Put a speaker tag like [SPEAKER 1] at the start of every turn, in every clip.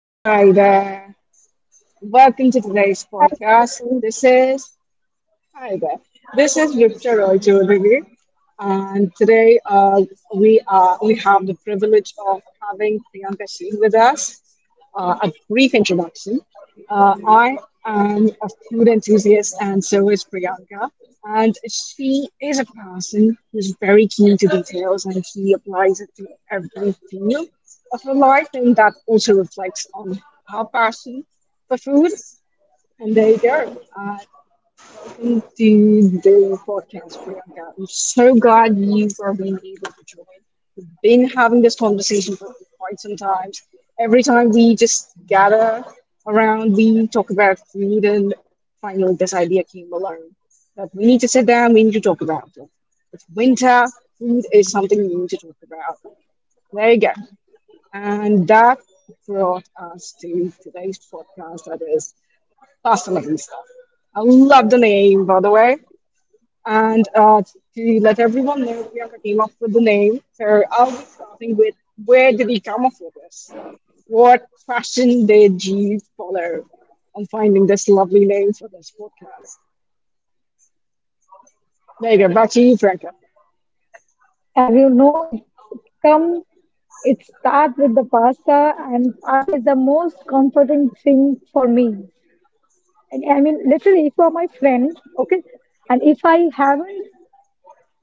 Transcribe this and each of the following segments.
[SPEAKER 1] Hi there. Welcome to today's podcast. This is Hi there.
[SPEAKER 2] Hello.
[SPEAKER 1] This is Ripta Roy Chaudhary, and today we have the privilege of having Priyanka Sheen with us. A brief introduction. I am a food enthusiast, and so is Priyanka. And she is a person who's very keen to details, and she applies it to every field of her life, and that also reflects on her passion for food. And there you go. Welcome to the podcast, Priyanka. I'm so glad you've been able to join. Been having this conversation for quite some time. Every time we just gather around, we talk about food, and finally, this idea came along that we need to sit down, we need to talk about it. It's winter, food is something we need to talk about. There you go. And that brought us to today's podcast that is fascinating stuff. I love the name, by the way. And to let everyone know where I came up with the name, so I'll be starting with where did he come up with this? What fashion did you follow on finding this lovely name for this podcast? There you go, back to you, Franco.
[SPEAKER 2] As you know, it's come, it starts with the pasta, and pasta is the most comforting thing for me. And I mean, literally, if you are my friend, okay, and if I haven't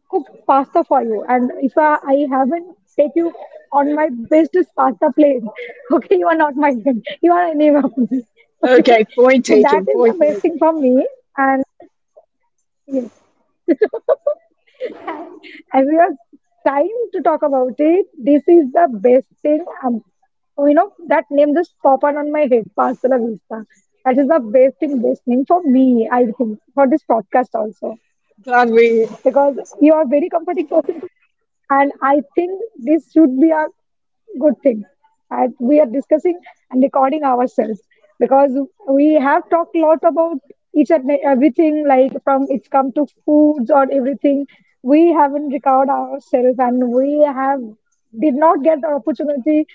[SPEAKER 2] cooked pasta for you, and if I haven't take you on my bestest pasta plate, okay, you are not my friend. You are an enemy of me, okay.
[SPEAKER 1] Okay, point
[SPEAKER 2] So that
[SPEAKER 1] taken,
[SPEAKER 2] is the
[SPEAKER 1] point
[SPEAKER 2] best thing
[SPEAKER 1] noted.
[SPEAKER 2] from me, and and we are time to talk about it. This is the best thing. You know, that name just pop out on my head. Pasta la vista. That is the best thing, best name for me. I think for this podcast also
[SPEAKER 1] Glad we.
[SPEAKER 2] because you are very comforting person to me, and I think this should be a good thing, and we are discussing and recording ourselves because we have talked a lot about each and everything, like from it's come to foods or everything. We haven't recorded ourselves, and we have did not get the opportunity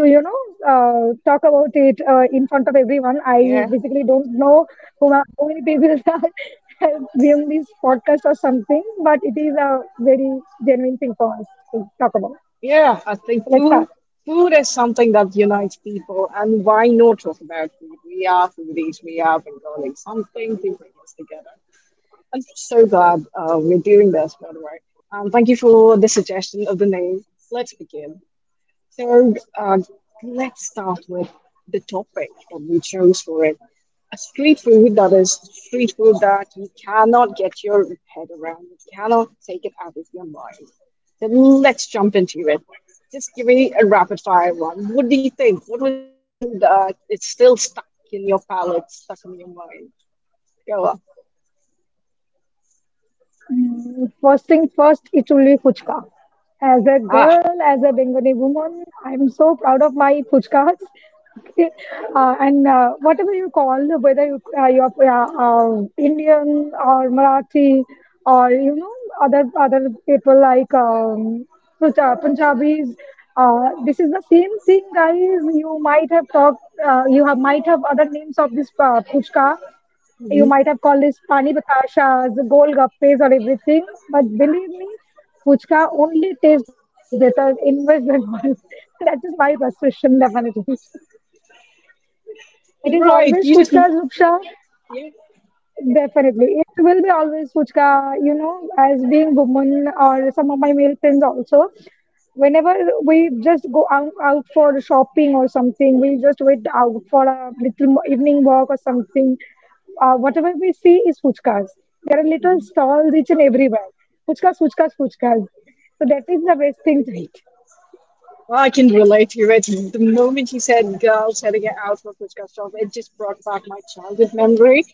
[SPEAKER 2] to uh, talk about it in front of everyone. I
[SPEAKER 1] Yeah,
[SPEAKER 2] basically don't know who, how many people are viewing this podcast or something, but it is a very genuine thing for us to talk about.
[SPEAKER 1] yeah, I
[SPEAKER 2] So,
[SPEAKER 1] think
[SPEAKER 2] let's
[SPEAKER 1] food,
[SPEAKER 2] start.
[SPEAKER 1] food is something that unites people, and why not talk about food? We are foodies, we are Bengalis, something to bring us together. I'm so glad we're doing this, by the way. Thank you for the suggestion of the name. Let's begin. So let's start with the topic that we chose for it. A street food that is street food that you cannot get your head around. You cannot take it out of your mind. So let's jump into it. Just give me a rapid fire one. What do you think? What was the last food that it's still stuck in your palate, stuck in your mind? Go on.
[SPEAKER 2] Mm, first thing first, it will be fuchka. As a
[SPEAKER 1] Ah.
[SPEAKER 2] girl, as a Bengali woman, I'm so proud of my fuchkas. Okay, and whatever you call, whether you you're Indian or Marathi or you know other people like Punjabis, this is the same thing, guys. You might have talked, you have might have other names of this puchka, you
[SPEAKER 1] Mm-hmm.
[SPEAKER 2] might have called this pani batashas, golgappes, or everything, but believe me, puchka only tastes better in West Bengal. That is my frustration, definitely. It is always
[SPEAKER 1] Right, you
[SPEAKER 2] puchka's
[SPEAKER 1] just
[SPEAKER 2] rupsha,
[SPEAKER 1] yeah.
[SPEAKER 2] definitely. It will be always Fuchka, you know, as being woman or some of my male friends also. Whenever we just go out for shopping or something, we just wait out for a little evening walk or something. Whatever we see is Fuchkas. There are little stalls each and everywhere. Fuchkas, Fuchkas, Fuchkas. So that is the best thing to eat.
[SPEAKER 1] Well, I can relate to it. The moment you said girls having an outfit which got shot, it just brought back my childhood memory.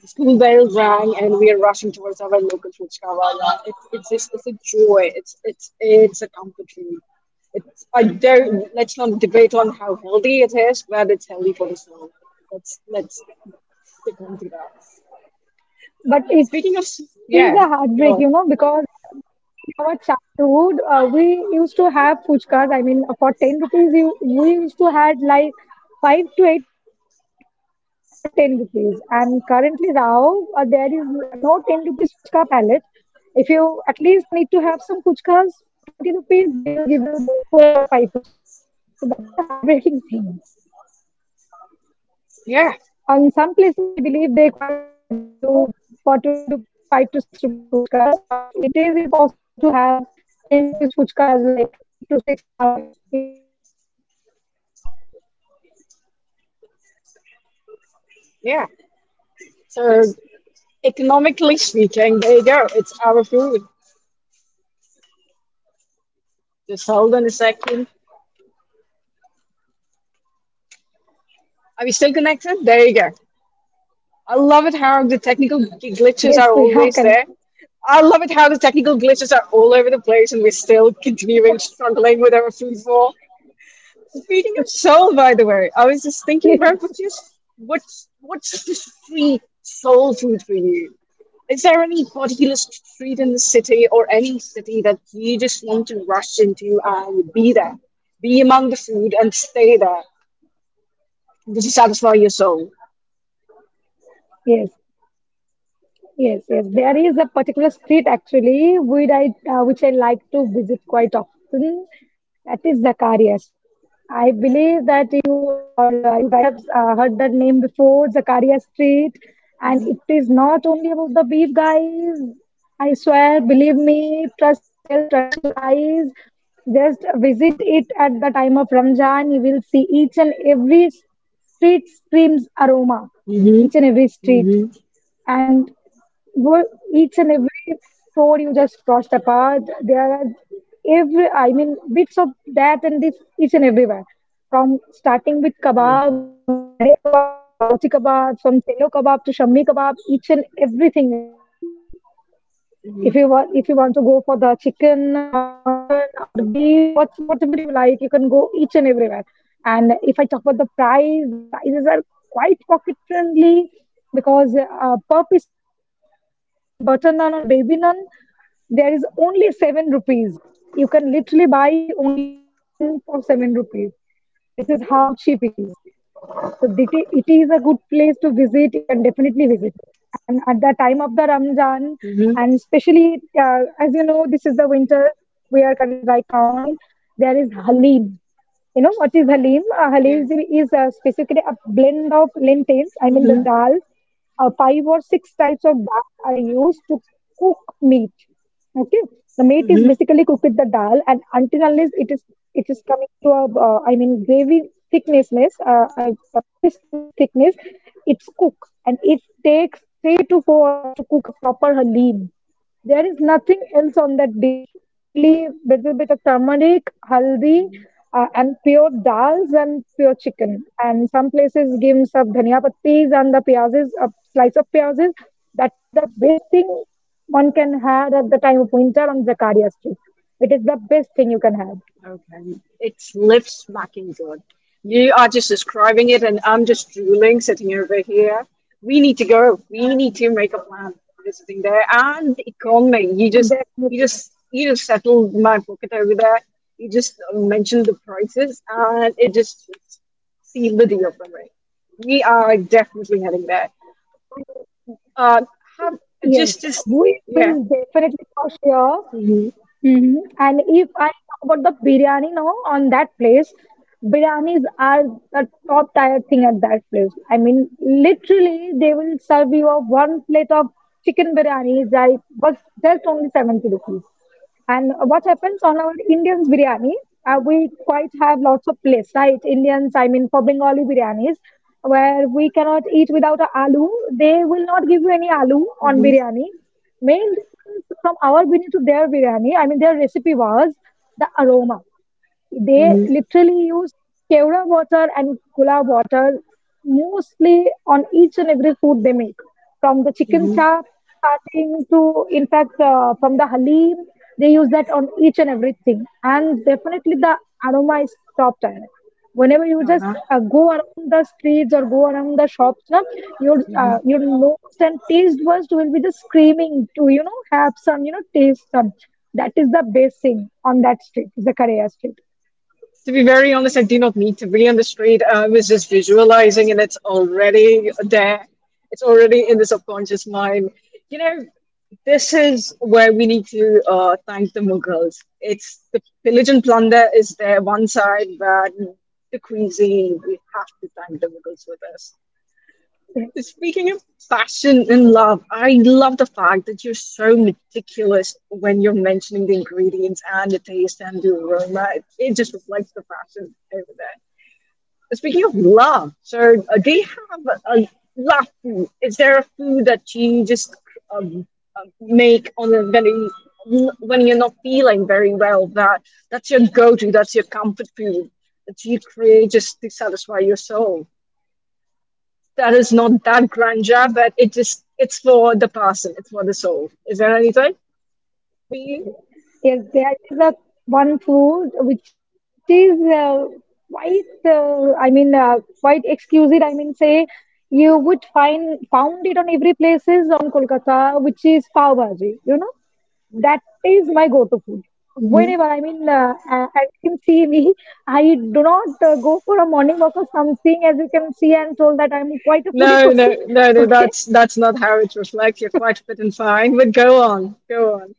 [SPEAKER 1] The school bell rang and we are rushing towards our local Fuchkavala. It's just it's a joy. It's a comfort food. It's I don't let's not debate on how healthy it is, but it's healthy for the soul. Let's stick on to that. Speaking
[SPEAKER 2] But
[SPEAKER 1] of s-
[SPEAKER 2] it is a
[SPEAKER 1] yeah,
[SPEAKER 2] heartbreak, you
[SPEAKER 1] go
[SPEAKER 2] know,
[SPEAKER 1] on.
[SPEAKER 2] because in our childhood we used to have fuchkas. I mean, for 10 rupees we used to had like 5 to 8 fuchkas for 10 rupees, and currently now there is no 10 rupees fuchka palette. If you at least need to have some fuchkas for 20 rupees, they will give you 4 or 5 fuchkas. So that is a heartbreaking thing.
[SPEAKER 1] Yeah,
[SPEAKER 2] On some places, I believe they quite give you for 20 rupees, 5 to 6 rupees fuchkas, but it is impossible to have 10 rupees fuchkas like 8 to 6 nowadays. It is impossible.
[SPEAKER 1] yeah. So economically speaking, there you go. It's our food. Just hold on a second. Are we still connected? There you go. I love it how the technical glitches are
[SPEAKER 2] Yes, we
[SPEAKER 1] always
[SPEAKER 2] are
[SPEAKER 1] there.
[SPEAKER 2] connected.
[SPEAKER 1] I love it how the technical glitches are all over the place and we're still continuing struggling with our food war. Speaking of soul, by the way, I was just thinking, where
[SPEAKER 2] yes.
[SPEAKER 1] what's your, what's the street soul food for you? Is there any particular street in the city or any city that you just want to rush into and be there? Be among the food and stay there. Just to satisfy your soul.
[SPEAKER 2] Yes, yes, yes. There is a particular street actually which which I like to visit quite often. That is Zakaria Street. I believe that you or you guys have heard that name before, Zakaria Street. And it is not only about the beef, guys. I swear, believe me, trust yourself, trust your eyes. Just visit it at the time of Ramzan. You will see each and every street screams aroma,
[SPEAKER 1] Mm-hmm.
[SPEAKER 2] each and every street.
[SPEAKER 1] Mm-hmm.
[SPEAKER 2] And well, each and every store you just crossed apart, there are every, I mean, bits of that and this each and everywhere. From starting with kebabs, from pare kebab to galauti kebab, from selo kebab to shammi kebab, each and everything is there.
[SPEAKER 1] Mm-hmm.
[SPEAKER 2] If you want to go for the chicken or the mutton or the beef, what whatever you like, you can go each and everywhere. And if I talk about the price, the prices are quite pocket friendly because per piece of naan, I mean butter naan or baby naan, there is only 7 rupees. You can literally buy only one naan for 7 rupees. This is how cheap it is. So it is a good place to visit. You can definitely visit it. And at the time of the Ramzan,
[SPEAKER 1] Mm-hmm.
[SPEAKER 2] and especially as you know, this is the winters we are currently right on. There is Halim. You know, what is halim?
[SPEAKER 1] Yeah.
[SPEAKER 2] Halim is specifically a blend of lentils, I mean
[SPEAKER 1] Mm-hmm.
[SPEAKER 2] the dals. Five or six types of dal are used to cook meat. Okay, the meat is basically cooked with the dal, and until unless it is coming to a I mean gravy thicknessness, a pasteness thickness, it's cooked, and it takes 3 to 4 hours to cook a proper halim. There is nothing else on that dish. Only little bit of turmeric, haldi, and pure dals and pure chicken. And some places give some dhania pattis and the piyazes, a slice of piyazes. That is the best thing one can have at the time of winter on Zakaria Street. It is the best thing you can have.
[SPEAKER 1] Okay. It's Lives Mockingbird. You are just describing it, and I'm just drooling sitting over
[SPEAKER 2] Exactly.
[SPEAKER 1] here. We need to go. We need to make a plan for visiting there and the economy. You just, you just,
[SPEAKER 2] Definitely.
[SPEAKER 1] you just settled my
[SPEAKER 2] Definitely.
[SPEAKER 1] pocket over there. You just mentioned the prices, and it just it's sealed the deal for me. We are definitely heading there.
[SPEAKER 2] And
[SPEAKER 1] Uh, have
[SPEAKER 2] yes,
[SPEAKER 1] just,
[SPEAKER 2] we will
[SPEAKER 1] yeah.
[SPEAKER 2] definitely for sure.
[SPEAKER 1] Hmm.
[SPEAKER 2] Hmm. And if I talk about the biryani now on that place, biryanis are the top tier thing at that place. I mean, literally, they will serve you a one plate of chicken biryani. I was just only 70 rupees. And what happens on our Indians biryani, we quite have lots of place, right? Indians, I mean, for Bengali biryanis, where we cannot eat without a aloo. They will not give you any aloo on
[SPEAKER 1] Hmm.
[SPEAKER 2] biryani. Main difference from our biryani to their biryani, I mean, their recipe was the aroma.
[SPEAKER 1] Hmm.
[SPEAKER 2] They literally use Kevra water and Gulab water mostly on each and every food they make, from the chicken chop starting to, in fact, from the halim. They use that on each and everything, and definitely the aroma is top tier whenever you just
[SPEAKER 1] Hmm.
[SPEAKER 2] go around the streets or go around the shops na, your your nose and taste buds will be just screaming to you know have some you know taste some. That is the best thing on that street, the Korea street.
[SPEAKER 1] To be very honest, I do not need to be on the street. I was just visualizing, and it's already there. It's already in the subconscious mind. You know, this is where we need to thank the Mughals. It's the pillage and plunder is there one side, but the cuisine we have to thank the Mughals for this.
[SPEAKER 2] Yes,
[SPEAKER 1] Speaking of passion and love, I love the fact that you're so meticulous when you're mentioning the ingredients and the taste and the aroma. It just reflects the passion over there. But speaking of love, so do you have a love food? Is there a food that you just um, make on a very when you're not feeling very well? That's your go-to. That's your comfort food that you create just to satisfy your soul that is not that grandeur, but
[SPEAKER 2] yes.
[SPEAKER 1] it just it's for the person, it's for the soul. Is there anything for you?
[SPEAKER 2] Yes, yes, yes. There is a one food which is quite, uh, I mean, uh, quite exquisite. I mean, say you would find found it on every places on Kolkata, which is pav bhaji. You know, that is my go-to food.
[SPEAKER 1] Mhm.
[SPEAKER 2] Whenever I mean, as you can see me, I do not go for a morning walk or something. As you can see, I'm told that I'm quite a foodie
[SPEAKER 1] No, no,
[SPEAKER 2] person.
[SPEAKER 1] no, no.
[SPEAKER 2] Okay,
[SPEAKER 1] That's not how it reflects. You're quite fit and fine, but go on, go on.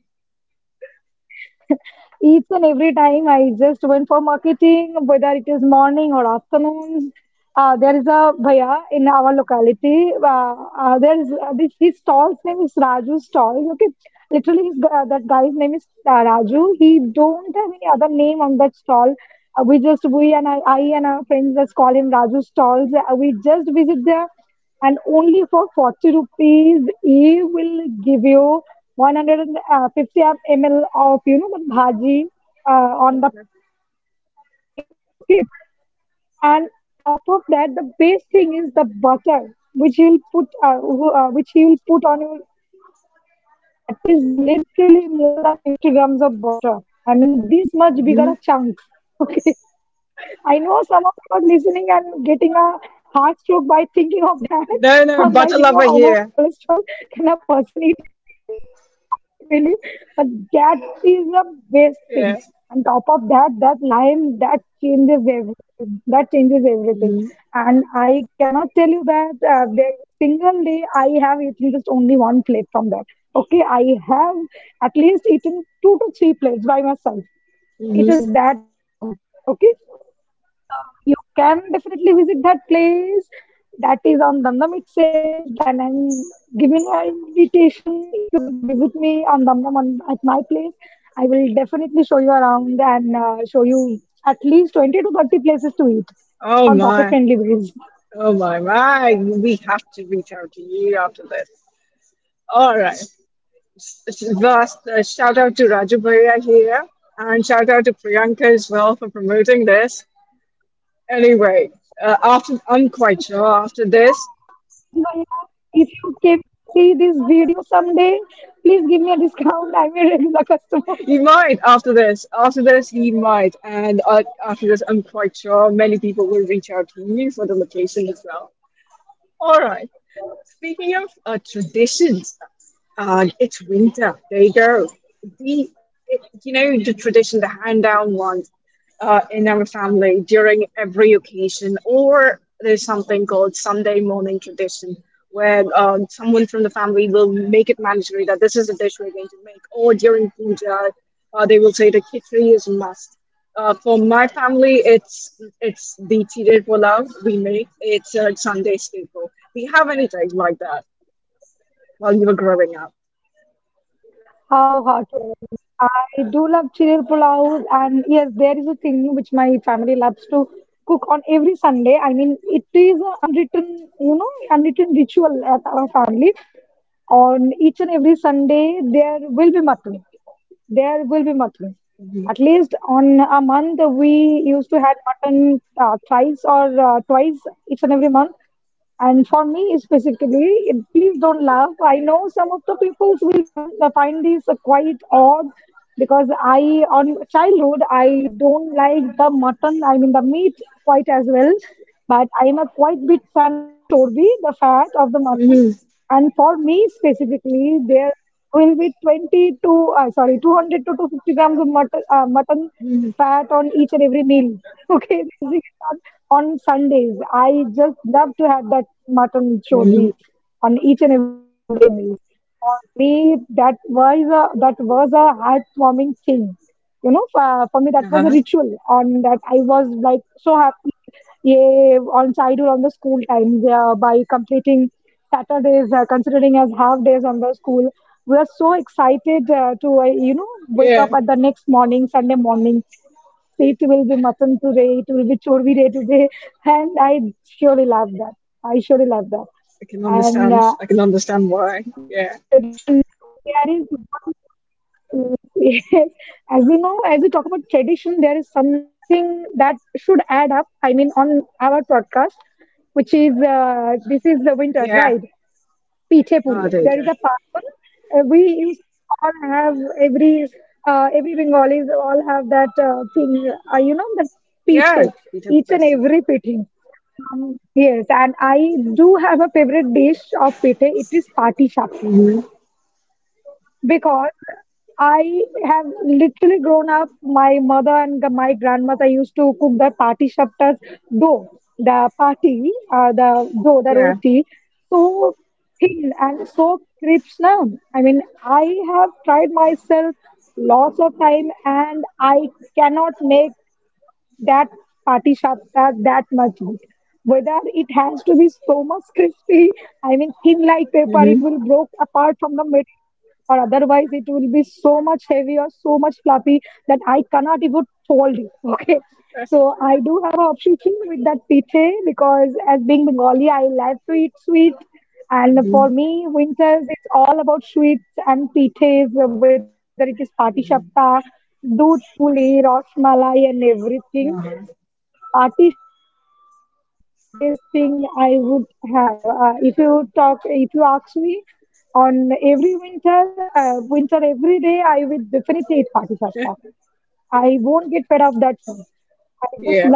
[SPEAKER 2] each and every time I just went for marketing, whether it is morning or afternoons. There is a bhaiya in our locality. There is this his stall's name is Raju Stalls. Okay, literally his that guy's name is Raju. He don't have any other name on that stall. We just we and I and our friends just call him Raju Stalls. We just visit there, and only for 40 rupees he will give you 150 ml of you know the bhaji on the plate, okay, and top of that the best thing is the butter which he will which he will put on your gravy. That is literally more than 50 grams of butter. I mean this much bigger
[SPEAKER 1] Mhm.
[SPEAKER 2] a chunk. Okay. I know some of you are listening and getting a heart stroke by thinking of that,
[SPEAKER 1] No, no,
[SPEAKER 2] or by
[SPEAKER 1] butter
[SPEAKER 2] thinking
[SPEAKER 1] lover
[SPEAKER 2] of how much
[SPEAKER 1] here.
[SPEAKER 2] cholesterol can a person eat a day. I can believe, but that is the best thing.
[SPEAKER 1] Yeah.
[SPEAKER 2] On top of that, that lime that changes everything. That changes everything,
[SPEAKER 1] Mhm,
[SPEAKER 2] and I cannot tell you that there is a single day I have eaten just only one plate from that. Okay, I have at least eaten two to three plates by myself.
[SPEAKER 1] mhm.
[SPEAKER 2] It is that good, okay. So you can definitely visit that place. That is on Damdam itself. And I'm giving an invitation. If you are going to visit me on Damdam at my place, I will definitely show you around and show you at least 20 to 30 places to eat
[SPEAKER 1] Oh
[SPEAKER 2] on pocket
[SPEAKER 1] my,
[SPEAKER 2] friendly ways.
[SPEAKER 1] oh my, my. We have to reach out to you after this. All right. Last shout out to Raju Bhaiya here, and shout out to Priyanka as well for promoting this. Anyway, after I'm quite sure after this
[SPEAKER 2] Woo! Raju Bhaiya, if you came to see this video someday, please give me a discount. I'm a regular customer.
[SPEAKER 1] he might. After this he might, and after this I'm quite sure many people will reach out to you for the location as well. All right. Speaking of traditions, uh, it's winter. There you go. The it, you know the tradition, the hand down ones in our family during every occasion, or there's something called Sunday morning tradition where someone from the family will make it mandatory that this is the dish we're going to make, or during puja, they will say the khichdi is a must. For my family, it's the chire pulao we make. It's a Sunday staple. Do you have anything like that while you were growing up?
[SPEAKER 2] How hard to I mean, I do love chiril pulao, and yes, there is a thing which my family loves to cook on every Sunday. I mean, it is an unwritten, you know, unwritten ritual at our family. On each and every Sunday, there will be mutton. There will be mutton. At least on a month, we used to had mutton thrice or twice each and every month. And for me, specifically, please don't laugh. I know some of the people will find find this quite odd because I, on childhood, I don't like the mutton. I mean the meat quite as well, but I am a quite big fan of the chorbi, the fat of the mutton.
[SPEAKER 1] Hmm.
[SPEAKER 2] And for me specifically, there will be 200 to 250 grams of mutton, mutton
[SPEAKER 1] Hmm.
[SPEAKER 2] fat on each and every meal. Okay, basically on Sundays. I just love to have that mutton
[SPEAKER 1] Hmm.
[SPEAKER 2] chorbi on each and every Sunday meal. For me, that was a heartwarming thing you know for me that was a
[SPEAKER 1] Uh-huh.
[SPEAKER 2] ritual on that I was like so happy. Yeah, on I do on the school time, yeah, by completing Saturdays, considering as half days on the school, we are so excited to wake up
[SPEAKER 1] Yeah,
[SPEAKER 2] at the next morning Sunday morning. Yes, it will be mutton today, it will be chorvi day today. And surely love that I surely love that.
[SPEAKER 1] I can
[SPEAKER 2] And
[SPEAKER 1] understand. I can understand
[SPEAKER 2] as you
[SPEAKER 1] why.
[SPEAKER 2] talk about
[SPEAKER 1] Yeah,
[SPEAKER 2] tradition, there is one. Yes, yes. As you know, as we talk about tradition, there is something that should add up. I mean, on our podcast, which is this is the winter's,
[SPEAKER 1] yeah.
[SPEAKER 2] right? Piche
[SPEAKER 1] Oh,
[SPEAKER 2] puli.
[SPEAKER 1] there you go.
[SPEAKER 2] There is a parvan. We used to all have every Bengalis all have that thing. You know that
[SPEAKER 1] Yeah,
[SPEAKER 2] piche,
[SPEAKER 1] we did
[SPEAKER 2] each and
[SPEAKER 1] festival.
[SPEAKER 2] every pithe. From yes, and I do have a favorite dish of pite. It is pati shak
[SPEAKER 1] Mm-hmm.
[SPEAKER 2] because I have literally grown up. My mother and my grandmother used to cook the party shaptas dough, the dough, the
[SPEAKER 1] Yeah.
[SPEAKER 2] roti, so thin and so crisp now. I mean, I have tried myself lots of time and I cannot make that pati sapta that much good. Whether it has to be so much crispy, I mean thin like paper,
[SPEAKER 1] Mm-hmm.
[SPEAKER 2] it will broke apart from the middle, or otherwise it will be so much heavy or so much fluffy that I cannot even fold it. Okay, so I do have an obsession with that pithe because as being Bengali, I love to eat sweet.
[SPEAKER 1] Mm-hmm.
[SPEAKER 2] And for me, winters, it's all about sweets and pitas, whether it is pati sapta, doodh puli, rosmalai, and everything.
[SPEAKER 1] Uh-huh.
[SPEAKER 2] Pati is the best thing I would have. If you ask me, on every winter, winter every day, I will definitely eat pati. I won't get fed up that food. I just love that pati.
[SPEAKER 1] Yeah.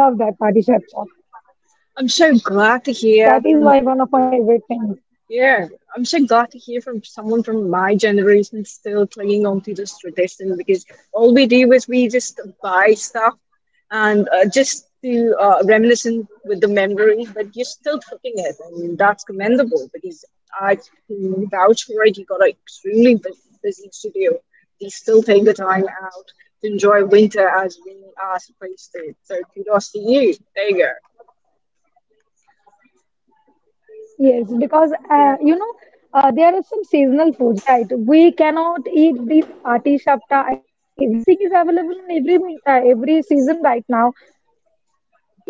[SPEAKER 1] I'm so
[SPEAKER 2] That is
[SPEAKER 1] glad
[SPEAKER 2] why
[SPEAKER 1] to
[SPEAKER 2] one of my
[SPEAKER 1] hear
[SPEAKER 2] favorite
[SPEAKER 1] from
[SPEAKER 2] things.
[SPEAKER 1] Yeah, I'm so glad to hear from someone from my generation still clinging on to this tradition because all we do is we just buy stuff and just to reminiscent with the memory, but you're still cooking it, and that's commendable because I can vouch for it. You got an extremely busy studio. They still take the time out to enjoy winter as we are supposed to. So kudos to you. There you go.
[SPEAKER 2] Yes, because
[SPEAKER 1] Yeah.
[SPEAKER 2] you know there are some seasonal foods, right? We cannot eat the ati shapta. I mean, everything is available in every season right now.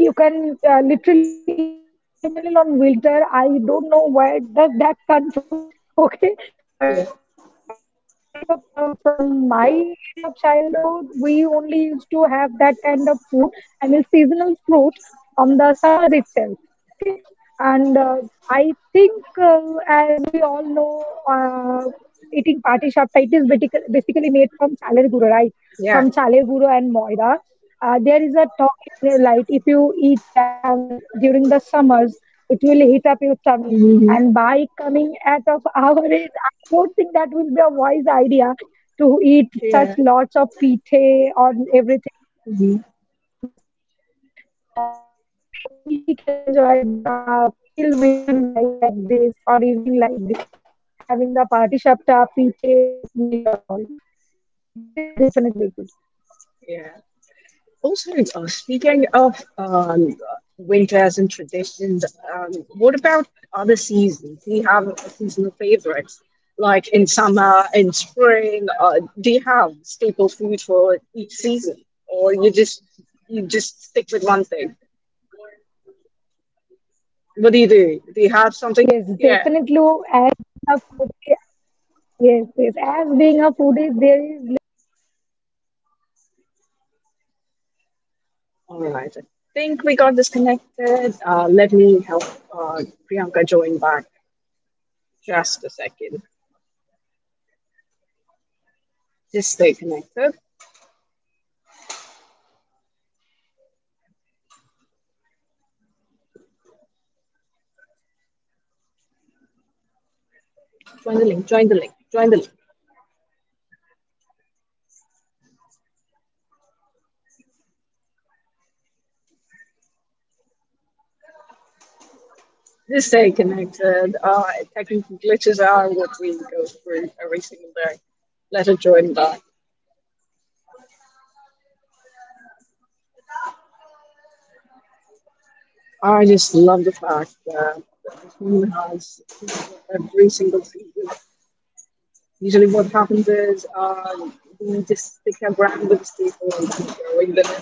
[SPEAKER 2] You can literally eat a watermelon on winter. I don't know where does that come from. Okay, but
[SPEAKER 1] Yeah.
[SPEAKER 2] from growing up, from my area of childhood, we only used to have that kind of food. I mean, seasonal fruit on the summers itself. Okay, and I think, as we all know, eating party shapta, it is basically made from chaler guru, right?
[SPEAKER 1] Yeah.
[SPEAKER 2] From chaler guru and moida. There is a talking light. If you eat that on during the summers, it will heat up your tummy.
[SPEAKER 1] Mhm.
[SPEAKER 2] And by coming at of our age, I don't think that will be a wise idea to eat such
[SPEAKER 1] Yeah.
[SPEAKER 2] lots of pite or everything on
[SPEAKER 1] Mm-hmm.
[SPEAKER 2] the during the summer times because we only can enjoy it on a chill winter night like this or evening like this, having the party shapta, pite, dudh pulis and all. It is definitely good.
[SPEAKER 1] Yeah. Also, speaking of winters and traditions, what about other seasons? Do you have a seasonal favorites? Like in summer, in spring, do you have staple food for each season, or you just stick with one thing? What do you do? Do you have something?
[SPEAKER 2] Yes,
[SPEAKER 1] Yeah.
[SPEAKER 2] definitely. As being a foodie, yes, yes. As being a foodie, there is little of each and everything from each and every season. In
[SPEAKER 1] All
[SPEAKER 2] summer,
[SPEAKER 1] right. I
[SPEAKER 2] if
[SPEAKER 1] think
[SPEAKER 2] I
[SPEAKER 1] we
[SPEAKER 2] talk
[SPEAKER 1] got
[SPEAKER 2] about food,
[SPEAKER 1] disconnected. Let
[SPEAKER 2] it
[SPEAKER 1] me
[SPEAKER 2] is
[SPEAKER 1] help
[SPEAKER 2] quite not
[SPEAKER 1] uh,
[SPEAKER 2] street food
[SPEAKER 1] Priyanka join
[SPEAKER 2] because
[SPEAKER 1] back
[SPEAKER 2] our topic was street food.
[SPEAKER 1] just a
[SPEAKER 2] But I would
[SPEAKER 1] second.
[SPEAKER 2] like to mention on summers, I
[SPEAKER 1] Just
[SPEAKER 2] would
[SPEAKER 1] stay
[SPEAKER 2] basically
[SPEAKER 1] connected.
[SPEAKER 2] just like to have some mangoes on each and every day. 3 to 4 mangoes, I can easily gulp them. Okay, so
[SPEAKER 1] Join the
[SPEAKER 2] that
[SPEAKER 1] link.
[SPEAKER 2] is
[SPEAKER 1] Join the
[SPEAKER 2] one of
[SPEAKER 1] link. Join the
[SPEAKER 2] my
[SPEAKER 1] link.
[SPEAKER 2] best having food, having fruit right now. And there are quite lots of other things like if I talk about street foods on the
[SPEAKER 1] Just
[SPEAKER 2] summer,
[SPEAKER 1] stay connected.
[SPEAKER 2] mm,
[SPEAKER 1] Uh,
[SPEAKER 2] let me guess.
[SPEAKER 1] technical
[SPEAKER 2] Yes, there
[SPEAKER 1] glitches
[SPEAKER 2] are
[SPEAKER 1] are what
[SPEAKER 2] some
[SPEAKER 1] we
[SPEAKER 2] fresh
[SPEAKER 1] go
[SPEAKER 2] fruits
[SPEAKER 1] through every
[SPEAKER 2] around
[SPEAKER 1] single
[SPEAKER 2] the
[SPEAKER 1] day.
[SPEAKER 2] street.
[SPEAKER 1] Let it
[SPEAKER 2] We
[SPEAKER 1] join
[SPEAKER 2] can
[SPEAKER 1] back.
[SPEAKER 2] go every time and definitely tea after completing our
[SPEAKER 1] I
[SPEAKER 2] eight
[SPEAKER 1] just
[SPEAKER 2] to
[SPEAKER 1] love the
[SPEAKER 2] nine
[SPEAKER 1] fact
[SPEAKER 2] hours of
[SPEAKER 1] that
[SPEAKER 2] shift of
[SPEAKER 1] this
[SPEAKER 2] work,
[SPEAKER 1] woman has
[SPEAKER 2] there is definitely
[SPEAKER 1] every
[SPEAKER 2] tea.
[SPEAKER 1] single
[SPEAKER 2] The see,
[SPEAKER 1] season.
[SPEAKER 2] tea does not have any
[SPEAKER 1] Usually, what happens
[SPEAKER 2] specific
[SPEAKER 1] is
[SPEAKER 2] season, right? We can
[SPEAKER 1] we just
[SPEAKER 2] definitely
[SPEAKER 1] stick our
[SPEAKER 2] eat that
[SPEAKER 1] brand with
[SPEAKER 2] tea at
[SPEAKER 1] these
[SPEAKER 2] every
[SPEAKER 1] people and
[SPEAKER 2] time.
[SPEAKER 1] keep going. But